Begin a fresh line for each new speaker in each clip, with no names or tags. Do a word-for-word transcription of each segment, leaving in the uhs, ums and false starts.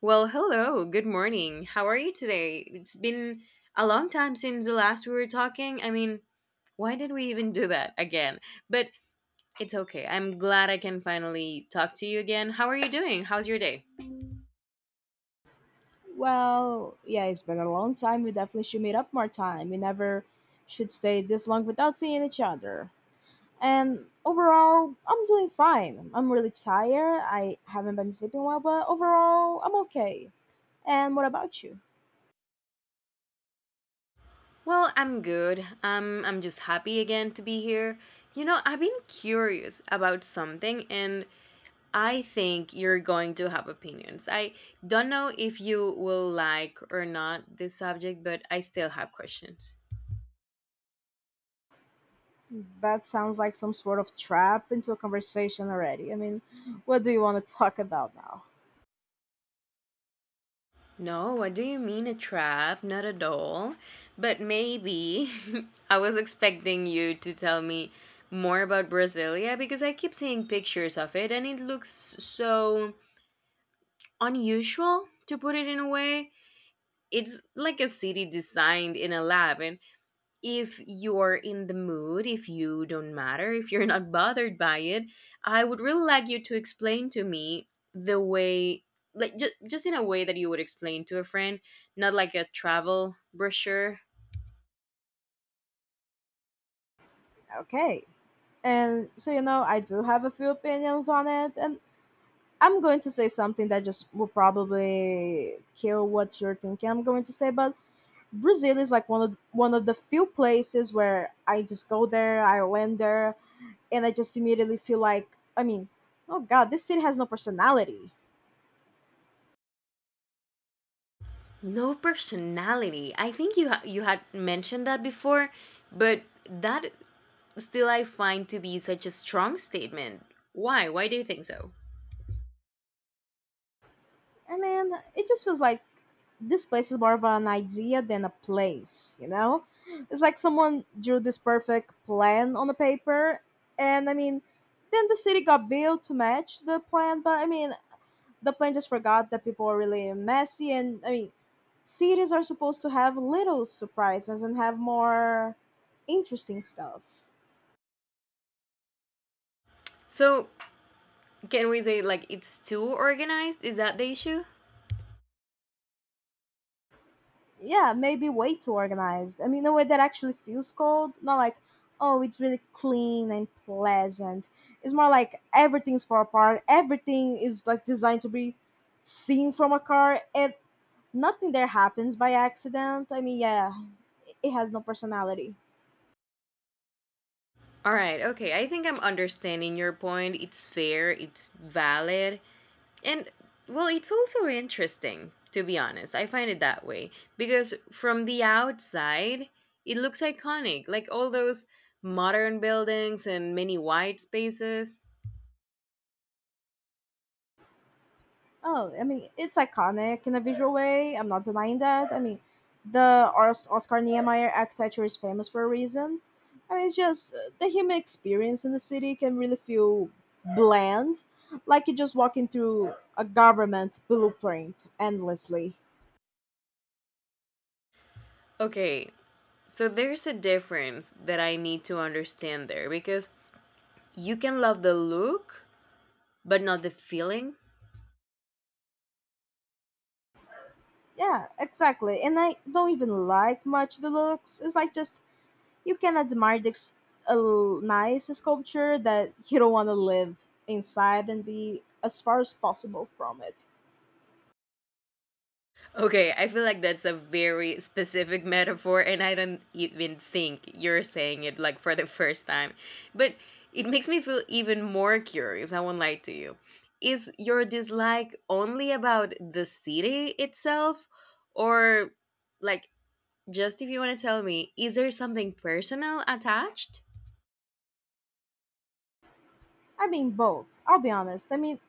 Well, hello. Good morning. How are you today? It's been a long time since the last we were talking. I mean, why did we even do that again? But it's okay. I'm glad I can finally talk to you again. How are you doing? How's your day?
Well, yeah, it's been a long time. We definitely should meet up more time. We never should stay this long without seeing each other. And overall, I'm doing fine. I'm really tired. I haven't been sleeping well, but overall, I'm okay. And what about you?
Well, I'm good. Um, I'm just happy again to be here. You know, I've been curious about something and I think you're going to have opinions. I don't know if you will like or not this subject, but I still have questions.
That sounds like some sort of trap into a conversation already. I mean, what do you want to talk about now?
No, what do you mean a trap? Not at all. But maybe I was expecting you to tell me more about Brasilia because I keep seeing pictures of it and it looks so unusual to put it in a way. It's like a city designed in a lab and if you're in the mood, if you don't matter, if you're not bothered by it, I would really like you to explain to me the way, like just, just in a way that you would explain to a friend, not like a travel brochure.
Okay. And so, you know, I do have a few opinions on it, and I'm going to say something that just will probably kill what you're thinking I'm going to say, but Brazil is like one of one of the few places where I just go there, I land there, and I just immediately feel like I mean, oh god, this city has no personality.
No personality. I think you ha- you had mentioned that before, but that still I find to be such a strong statement. Why? Why do you think so?
I mean, it just feels like this place is more of an idea than a place, you know? It's like someone drew this perfect plan on the paper and I mean then the city got built to match the plan, but I mean the plan just forgot that people are really messy and I mean cities are supposed to have little surprises and have more interesting stuff.
So, can we say like it's too organized? Is that the issue?
Yeah, maybe way too organized. I mean, a way that actually feels cold, not like, oh, it's really clean and pleasant. It's more like everything's far apart. Everything is like designed to be seen from a car, and nothing there happens by accident. I mean, yeah, it has no personality.
All right, okay. I think I'm understanding your point. It's fair, it's valid, and well, it's also interesting, to be honest. I find it that way because from the outside, it looks iconic, like all those modern buildings and many white spaces.
Oh, I mean, it's iconic in a visual way. I'm not denying that. I mean, the Os- Oscar Niemeyer architecture is famous for a reason. I mean, it's just uh, the human experience in the city can really feel bland, like you're just walking through a government blueprint endlessly.
Okay, so there's a difference that I need to understand there because you can love the look, but not the feeling.
Yeah, exactly. And I don't even like much the looks. It's like just you can admire this a l- nice sculpture that you don't want to live inside and be as far as possible from it.
Okay, I feel like that's a very specific metaphor, and I don't even think you're saying it like for the first time. But it makes me feel even more curious. I won't lie to you. Is your dislike only about the city itself, or like just if you want to tell me, is there something personal attached?
I mean both. I'll be honest. I mean,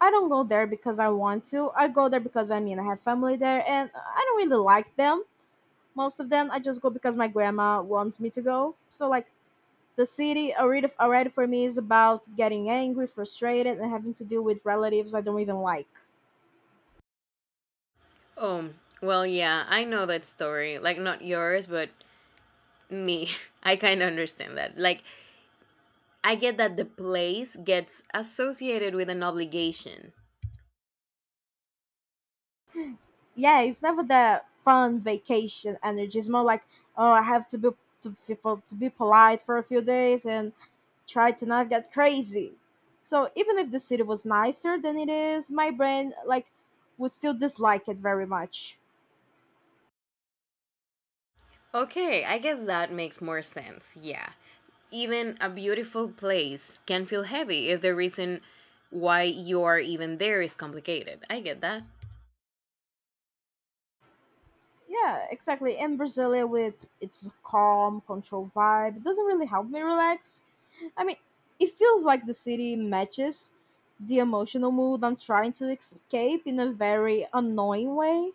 I don't go there because I want to. I go there because I mean I have family there, and I don't really like them. Most of them, I just go because my grandma wants me to go. So like the city already already for me is about getting angry, frustrated, and having to deal with relatives I don't even like.
Oh, well, yeah, I know that story. Like, not yours, but me. I kind of understand that. Like, I get that the place gets associated with an obligation.
Yeah, it's never that fun vacation energy. It's more like oh, I have to be to, be- to be polite for a few days and try to not get crazy. So even if the city was nicer than it is, my brain like would still dislike it very much.
Okay, I guess that makes more sense, yeah. Even a beautiful place can feel heavy if the reason why you are even there is complicated. I get that.
Yeah, exactly. And Brasilia with its calm, controlled vibe, it doesn't really help me relax. I mean, it feels like the city matches the emotional mood I'm trying to escape in a very annoying way.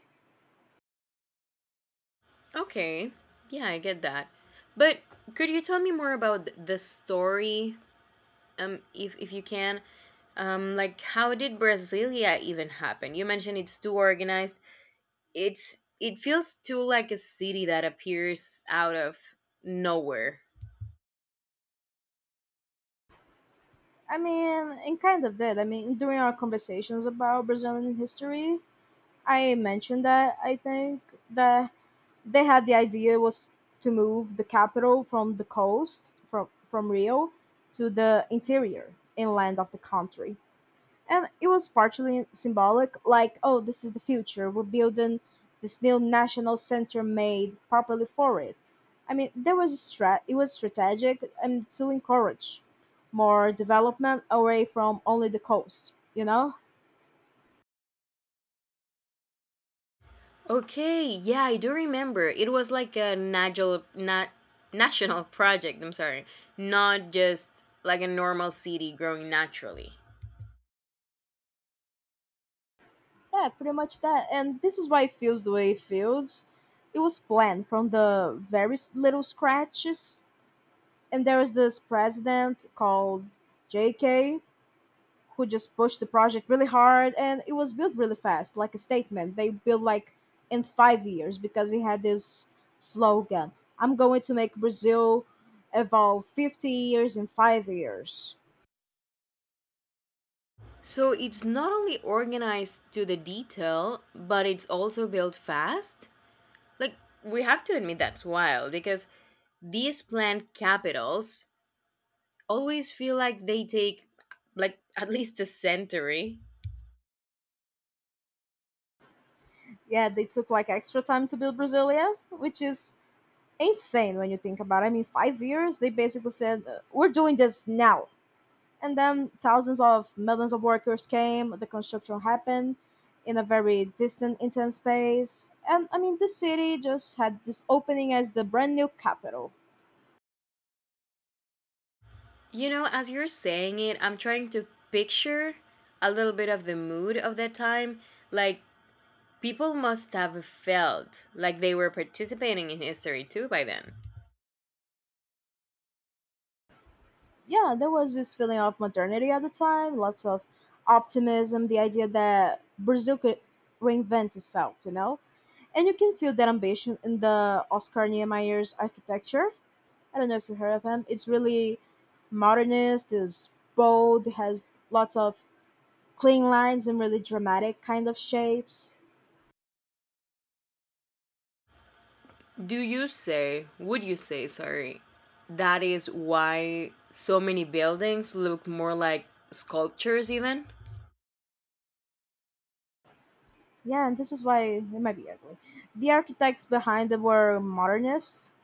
Okay, yeah, I get that. But could you tell me more about th- the story, um, if, if you can? Um, like, how did Brasilia even happen? You mentioned it's too organized, it's it feels too like a city that appears out of nowhere.
I mean, and kind of did. I mean, during our conversations about Brazilian history, I mentioned that I think that they had the idea was to move the capital from the coast from from Rio to the interior inland of the country. And it was partially symbolic, like, oh, this is the future. We're building this new national center made properly for it. I mean, there was a strat. It was strategic and to encourage more development away from only the coast. You know.
Okay, yeah, I do remember. It was like a national na- national project, I'm sorry. Not just like a normal city growing naturally.
Yeah, pretty much that. And this is why it feels the way it feels. It was planned from the very s- little scratches. And there was this president called J K who just pushed the project really hard and it was built really fast, like a statement. They built like in five years because he had this slogan I'm going to make Brazil evolve fifty years in five years.
So it's not only organized to the detail, but it's also built fast. Like, we have to admit that's wild because these planned capitals always feel like they take like at least a century.
Yeah, they took like extra time to build Brasilia, which is insane when you think about it. I mean, five years, they basically said, uh, we're doing this now. And then thousands of millions of workers came, the construction happened in a very distant, intense space. And I mean, the city just had this opening as the brand new capital.
You know, as you're saying it, I'm trying to picture a little bit of the mood of that time. Like, people must have felt like they were participating in history too by then.
Yeah, there was this feeling of modernity at the time, lots of optimism, the idea that Brazil could reinvent itself, you know? And you can feel that ambition in the Oscar Niemeyer's architecture. I don't know if you heard of him. It's really modernist, is bold, has lots of clean lines and really dramatic kind of shapes.
Do you say, would you say, sorry, that is why so many buildings look more like sculptures, even?
Yeah, and this is why it might be ugly. The architects behind it were modernists,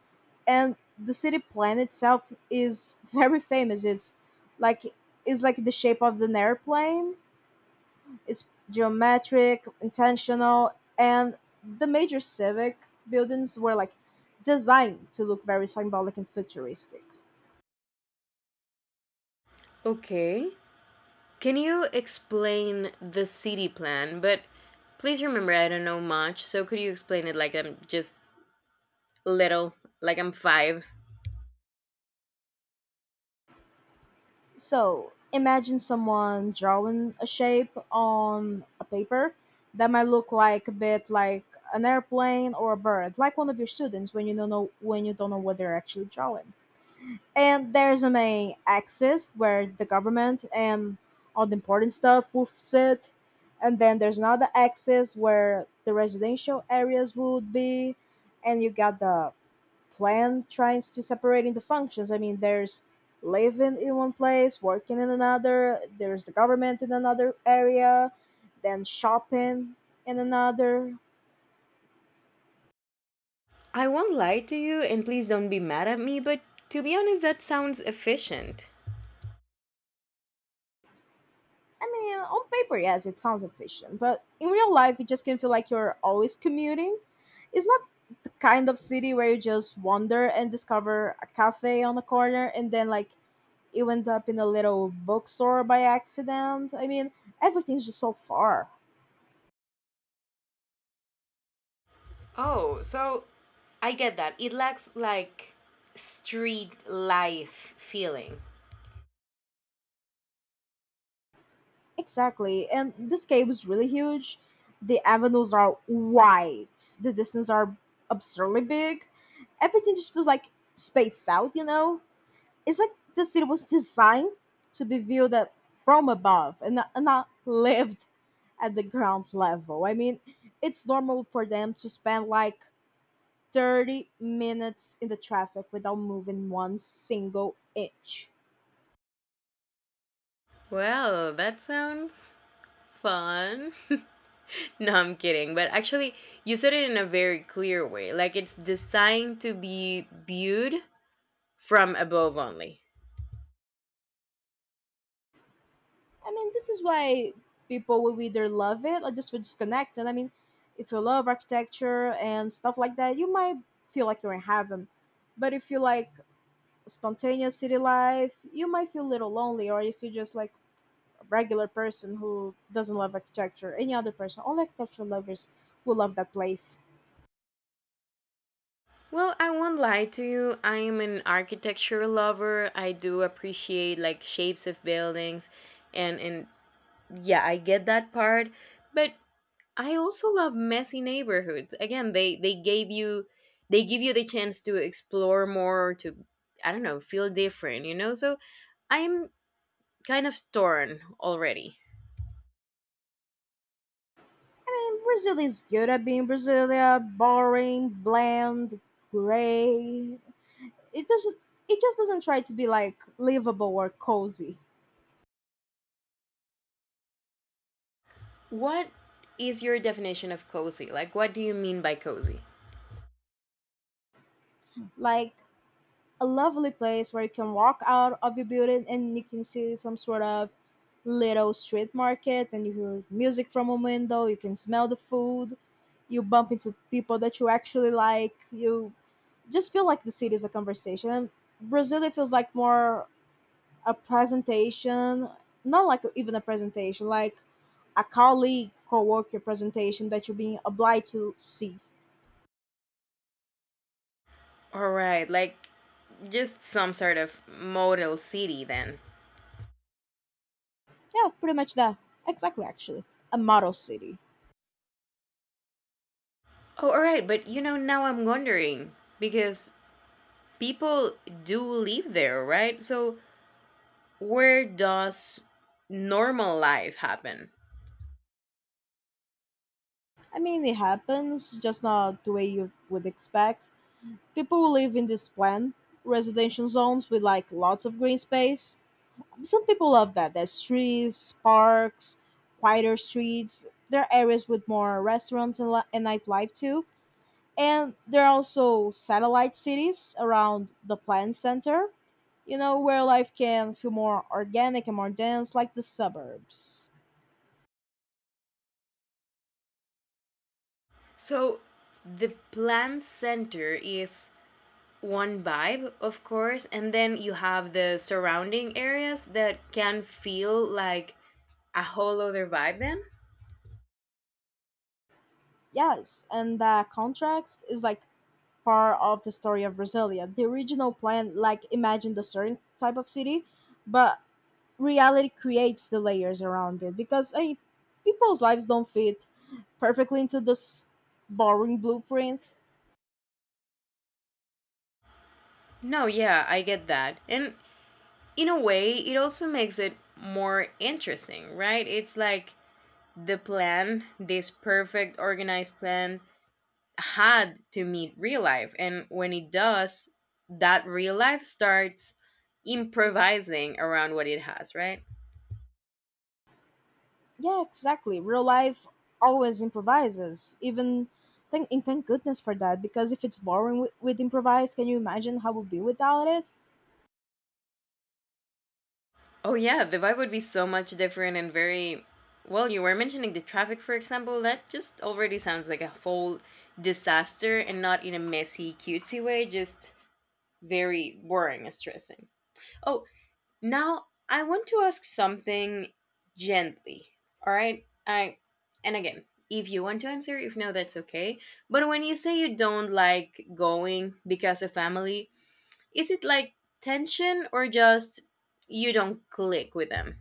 and the city plan itself is very famous. It's like it's like the shape of an airplane. It's geometric, intentional, and the major civic buildings were like designed to look very symbolic and futuristic.
Okay. Can you explain the city plan? But please remember, I don't know much, so could you explain it like I'm just little, like I'm five?
So imagine someone drawing a shape on a paper that might look like a bit like an airplane or a bird, like one of your students when you don't know when you don't know what they're actually drawing. And there's a main axis where the government and all the important stuff would sit. And then there's another axis where the residential areas would be. And you got the plan tries to separate into functions. I mean, there's living in one place, working in another, there's the government in another area, then shopping in another.
I won't lie to you, and please don't be mad at me, but to be honest, that sounds efficient.
I mean, on paper, yes, it sounds efficient, but in real life, it just can feel like you're always commuting. It's not the kind of city where you just wander and discover a cafe on the corner and then, like, you end up in a little bookstore by accident. I mean, everything's just so far.
Oh, so I get that. It lacks like street life feeling.
Exactly. And this cave is really huge. The avenues are wide. The distances are absurdly big. Everything just feels like spaced out, you know? It's like the city was designed to be viewed at, from above and not, and not lived at the ground level. I mean, it's normal for them to spend like thirty minutes in the traffic without moving one single inch.
Well, that sounds fun. No, I'm kidding. But actually, you said it in a very clear way. Like, it's designed to be viewed from above only.
I mean, this is why people will either love it or just will disconnect. And I mean, if you love architecture and stuff like that, you might feel like you're in heaven. But if you like spontaneous city life, you might feel a little lonely. Or if you're just like a regular person who doesn't love architecture, any other person, all architectural lovers will love that place.
Well, I won't lie to you. I am an architecture lover. I do appreciate like shapes of buildings and and yeah, I get that part, but I also love messy neighborhoods. Again, they they gave you they give you the chance to explore more, to, I don't know, feel different, you know? So I'm kind of torn already.
And Brazil is good at being Brasilia, boring, bland, gray. It doesn't. It just doesn't try to be like livable or cozy.
What is your definition of cozy? Like, what do you mean by cozy?
Like a lovely place where you can walk out of your building and you can see some sort of little street market and you hear music from a window, you can smell the food, you bump into people that you actually like, you just feel like the city is a conversation. And Brazil, it feels like more a presentation, not like even a presentation, like a colleague co-worker presentation that you're being obliged to see.
All right, like, just some sort of model city then.
Yeah, pretty much that. Exactly, actually, a model city.
Oh, all right, but you know, now I'm wondering because people do live there, right? So where does normal life happen?
I mean, it happens, just not the way you would expect. People who live in these planned residential zones with like lots of green space. Some people love that. There's trees, parks, quieter streets. There are areas with more restaurants and, li- and nightlife too. And there are also satellite cities around the planned center, you know, where life can feel more organic and more dense, like the suburbs.
So the plant center is one vibe, of course, and then you have the surrounding areas that can feel like a whole other vibe then?
Yes, and that contrast is like part of the story of Brasilia. The original plan, like, imagined a certain type of city, but reality creates the layers around it because I mean, people's lives don't fit perfectly into this boring blueprint.
No, yeah, I get that. And in a way, it also makes it more interesting, right? It's like the plan, this perfect organized plan, had to meet real life, and when it does that, real life starts improvising around what it has, right?
Yeah, exactly. Real life always improvises, even. Thank, and thank goodness for that because if it's boring with, with improvise, can you imagine how it would be without it?
Oh yeah, the vibe would be so much different. And very well, you were mentioning the traffic, for example, that just already sounds like a whole disaster, and not in a messy cutesy way, just very boring and stressing. Oh, now, I want to ask something gently, all right? I, and again, if you want to answer, if no, that's okay. But when you say you don't like going because of family, is it like tension or just you don't click with them?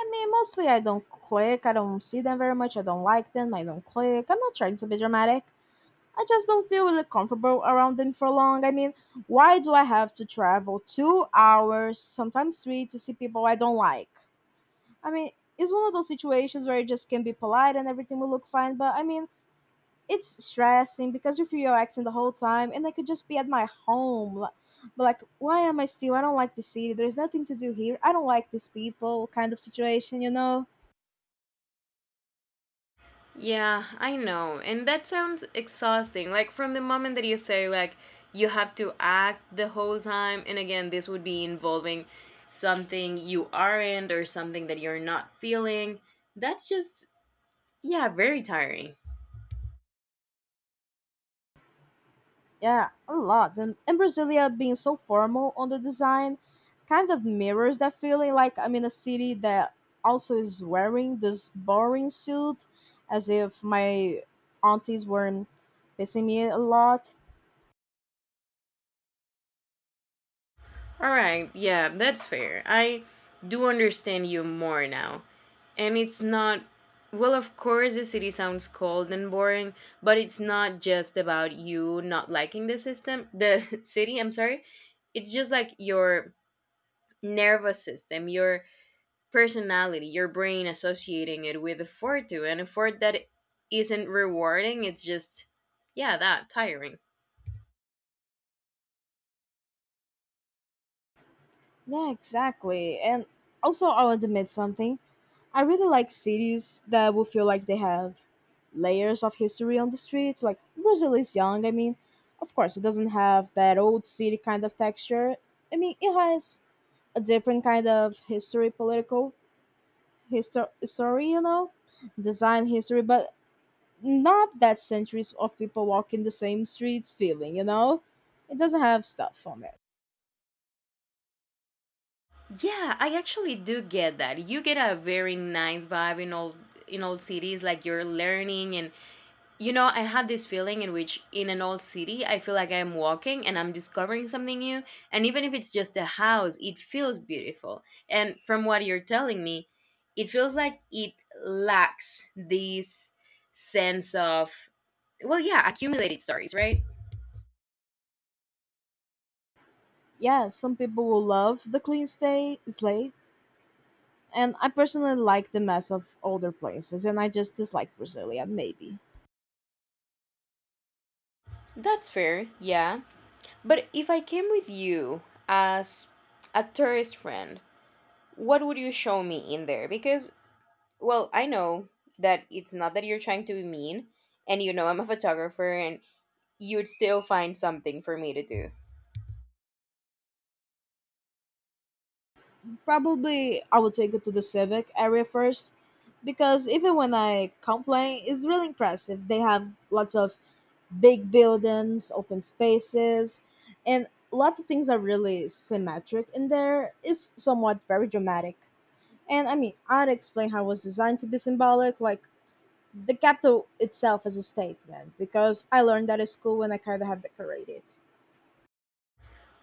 I mean, mostly I don't click. I don't see them very much. I don't like them. I don't click. I'm not trying to be dramatic. I just don't feel really comfortable around them for long. I mean, why do I have to travel two hours, sometimes three, to see people I don't like? I mean, it's one of those situations where you just can be polite and everything will look fine, but I mean, it's stressing because you're reacting the whole time, and I could just be at my home. li- But like, why am I still? I don't like the city. There's nothing to do here. I don't like these people. Kind of situation, you know.
Yeah, I know. And that sounds exhausting. Like, from the moment that you say like you have to act the whole time, and again this would be involving something you aren't or something that you're not feeling. That's just, yeah, very tiring.
Yeah, a lot. And, and Brasilia being so formal on the design kind of mirrors that feeling like I'm in a city that also is wearing this boring suit as if my aunties weren't pissing me a lot.
All right, yeah, that's fair. I do understand you more now. And it's not, well, of course, the city sounds cold and boring, but it's not just about you not liking the system, the city, I'm sorry. It's just like your nervous system, your personality, your brain associating it with effort to an effort that isn't rewarding. It's just, yeah, that tiring.
Yeah, exactly. And also, I'll admit something. I really like cities that will feel like they have layers of history on the streets. Like Brazil is young, I mean, of course, it doesn't have that old city kind of texture. I mean, it has a different kind of history, political history, story, you know, design history, but not that centuries of people walking the same streets feeling, you know? It doesn't have stuff on it.
Yeah, I actually do get that. You get a very nice vibe in old in old cities, like you're learning. And you know, I had this feeling in which in an old city I feel like I'm walking and I'm discovering something new. And even if it's just a house, it feels beautiful. And from what you're telling me, it feels like it lacks this sense of, well yeah, accumulated stories, right?
Yeah, some people will love the clean stay slate, and I personally like the mess of older places, and I just dislike Brasilia, maybe.
That's fair, yeah. But if I came with you as a tourist friend, what would you show me in there? Because, well, I know that it's not that you're trying to be mean, and you know I'm a photographer, and you'd still find something for me to do.
Probably I would take it to the Civic area first, because even when I complain, it's really impressive. They have lots of big buildings, open spaces, and lots of things are really symmetric in there. It's somewhat very dramatic. And I mean, I'd explain how it was designed to be symbolic, like the capital itself as a statement, because I learned that at school when I kind of have decorated.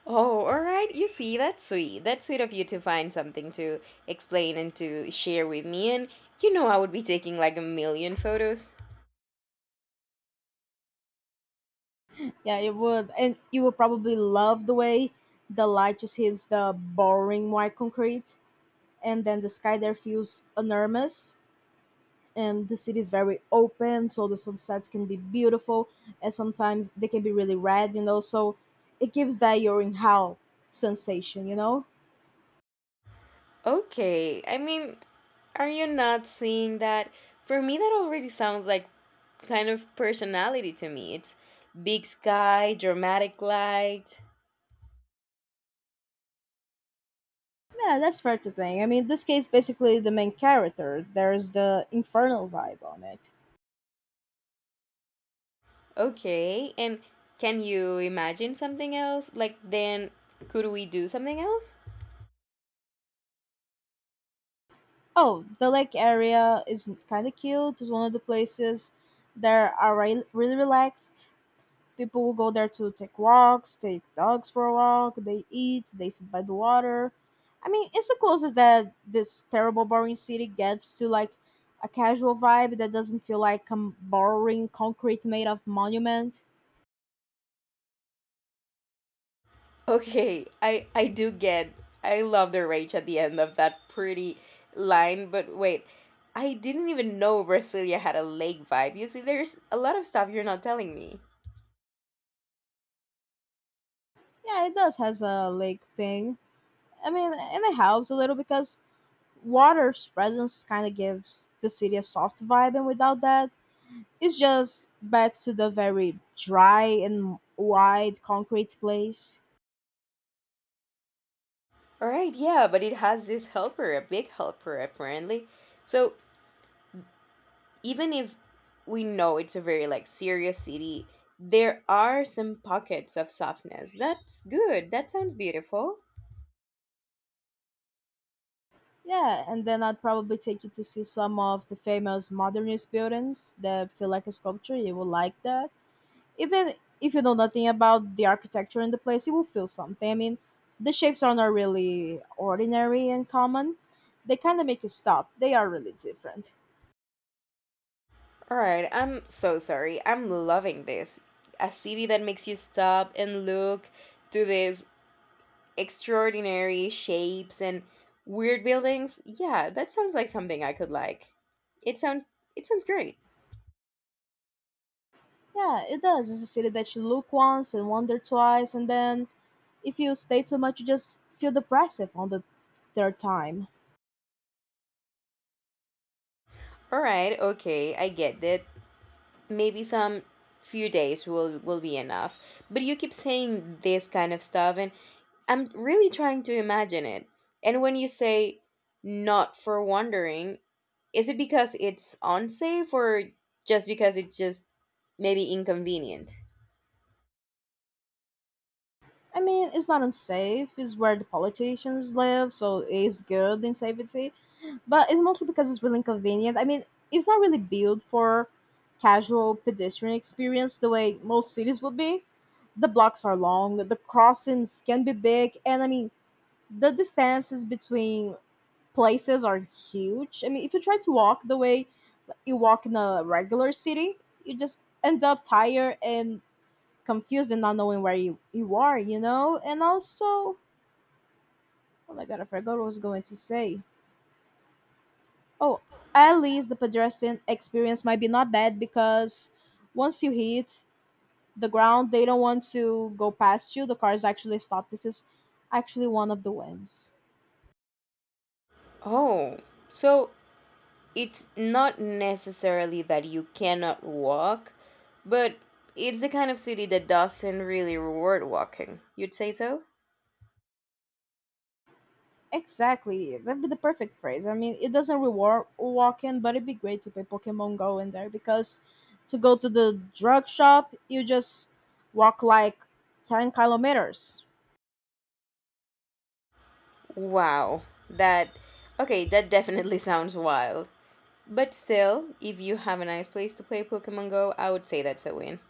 Oh, all right. You see, that's sweet. That's sweet of you to find something to explain and to share with me. And you know, I would be taking like a million photos.
Yeah, it would, and you would probably love the way the light just hits the boring white concrete, and then the sky there feels enormous, and the city is very open, so the sunsets can be beautiful, and sometimes they can be really red, you know. So it gives that you're in hell sensation, you know.
Okay. I mean, are you not seeing that? For me, that already sounds like kind of personality to me. It's big sky, dramatic light.
Yeah, that's fair to think. I mean, this case basically the main character. There's the infernal vibe on it.
Okay, and can you imagine something else? Like, then could we do something else?
Oh, the lake area is kind of cute. It's one of the places that are re- really relaxed. People will go there to take walks, take dogs for a walk, they eat, they sit by the water. I mean, it's the closest that this terrible boring city gets to like a casual vibe that doesn't feel like a boring concrete made of monument.
Okay, I I do get. I love the rage at the end of that pretty line, but wait. I didn't even know Brasilia had a lake vibe. You see, there's a lot of stuff you're not telling me.
Yeah, it does has a lake thing. I mean, and it helps a little because water's presence kind of gives the city a soft vibe, and without that, it's just back to the very dry and wide concrete place.
All right, yeah, but it has this helper, a big helper apparently. So even if we know it's a very like serious city, there are some pockets of softness. That's good. That sounds beautiful.
Yeah, and then I'd probably take you to see some of the famous modernist buildings that feel like a sculpture. You will like that. Even if you know nothing about the architecture in the place, you will feel something. I mean, the shapes are not really ordinary and common. They kind of make you stop. They are really different.
All right, I'm so sorry. I'm loving this. A city that makes you stop and look to these extraordinary shapes and weird buildings. Yeah, that sounds like something I could like. It sounds it sounds great.
Yeah, it does. It's a city that you look once and wonder twice, and then if you stay too much, you just feel depressive on the third time.
All right, okay, I get it. Maybe some few days will will be enough, but you keep saying this kind of stuff and I'm really trying to imagine it. And when you say not for wandering, is it because it's unsafe or just because it's just maybe inconvenient?
I mean, it's not unsafe. It's where the politicians live, so it's good in safety. But it's mostly because it's really inconvenient. I mean, it's not really built for casual pedestrian experience the way most cities would be. The blocks are long, the crossings can be big, and I mean, the distances between places are huge. I mean, if you try to walk the way you walk in a regular city, you just end up tired and confused and not knowing where you, you are, you know? And also, oh my god, I forgot what I was going to say. Oh, at least the pedestrian experience might be not bad because once you hit the ground, they don't want to go past you. The cars actually stop. This is actually one of the wins.
Oh, so it's not necessarily that you cannot walk, but it's the kind of city that doesn't really reward walking. You'd say so?
Exactly. That'd be the perfect phrase. I mean, it doesn't reward walking, but it'd be great to play Pokemon Go in there because to go to the drug shop, you just walk like ten kilometers.
Wow. That. Okay, that definitely sounds wild. But still, if you have a nice place to play Pokemon Go, I would say that's a win.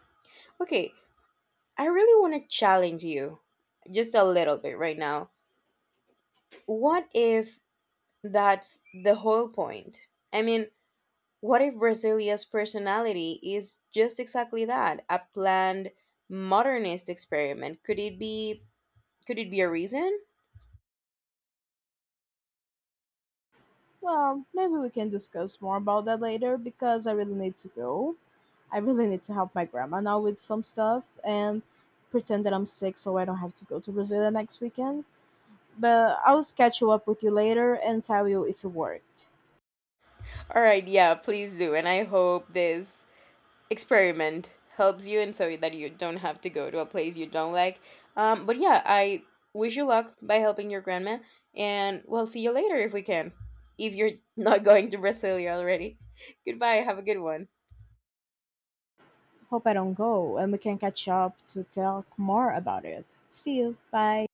Okay, I really want to challenge you just a little bit right now. What if that's the whole point? I mean, what if Brasilia's personality is just exactly that, a planned modernist experiment? Could it be, could it be a reason?
Well, maybe we can discuss more about that later because I really need to go. I really need to help my grandma now with some stuff and pretend that I'm sick so I don't have to go to Brazil the next weekend. But I'll catch you up with you later and tell you if it worked.
All right, yeah, please do. And I hope this experiment helps you and so that you don't have to go to a place you don't like. Um, but yeah, I wish you luck by helping your grandma and we'll see you later if we can. If you're not going to Brasilia already. Goodbye, have a good one.
Hope I don't go and we can catch up to talk more about it. See you. Bye.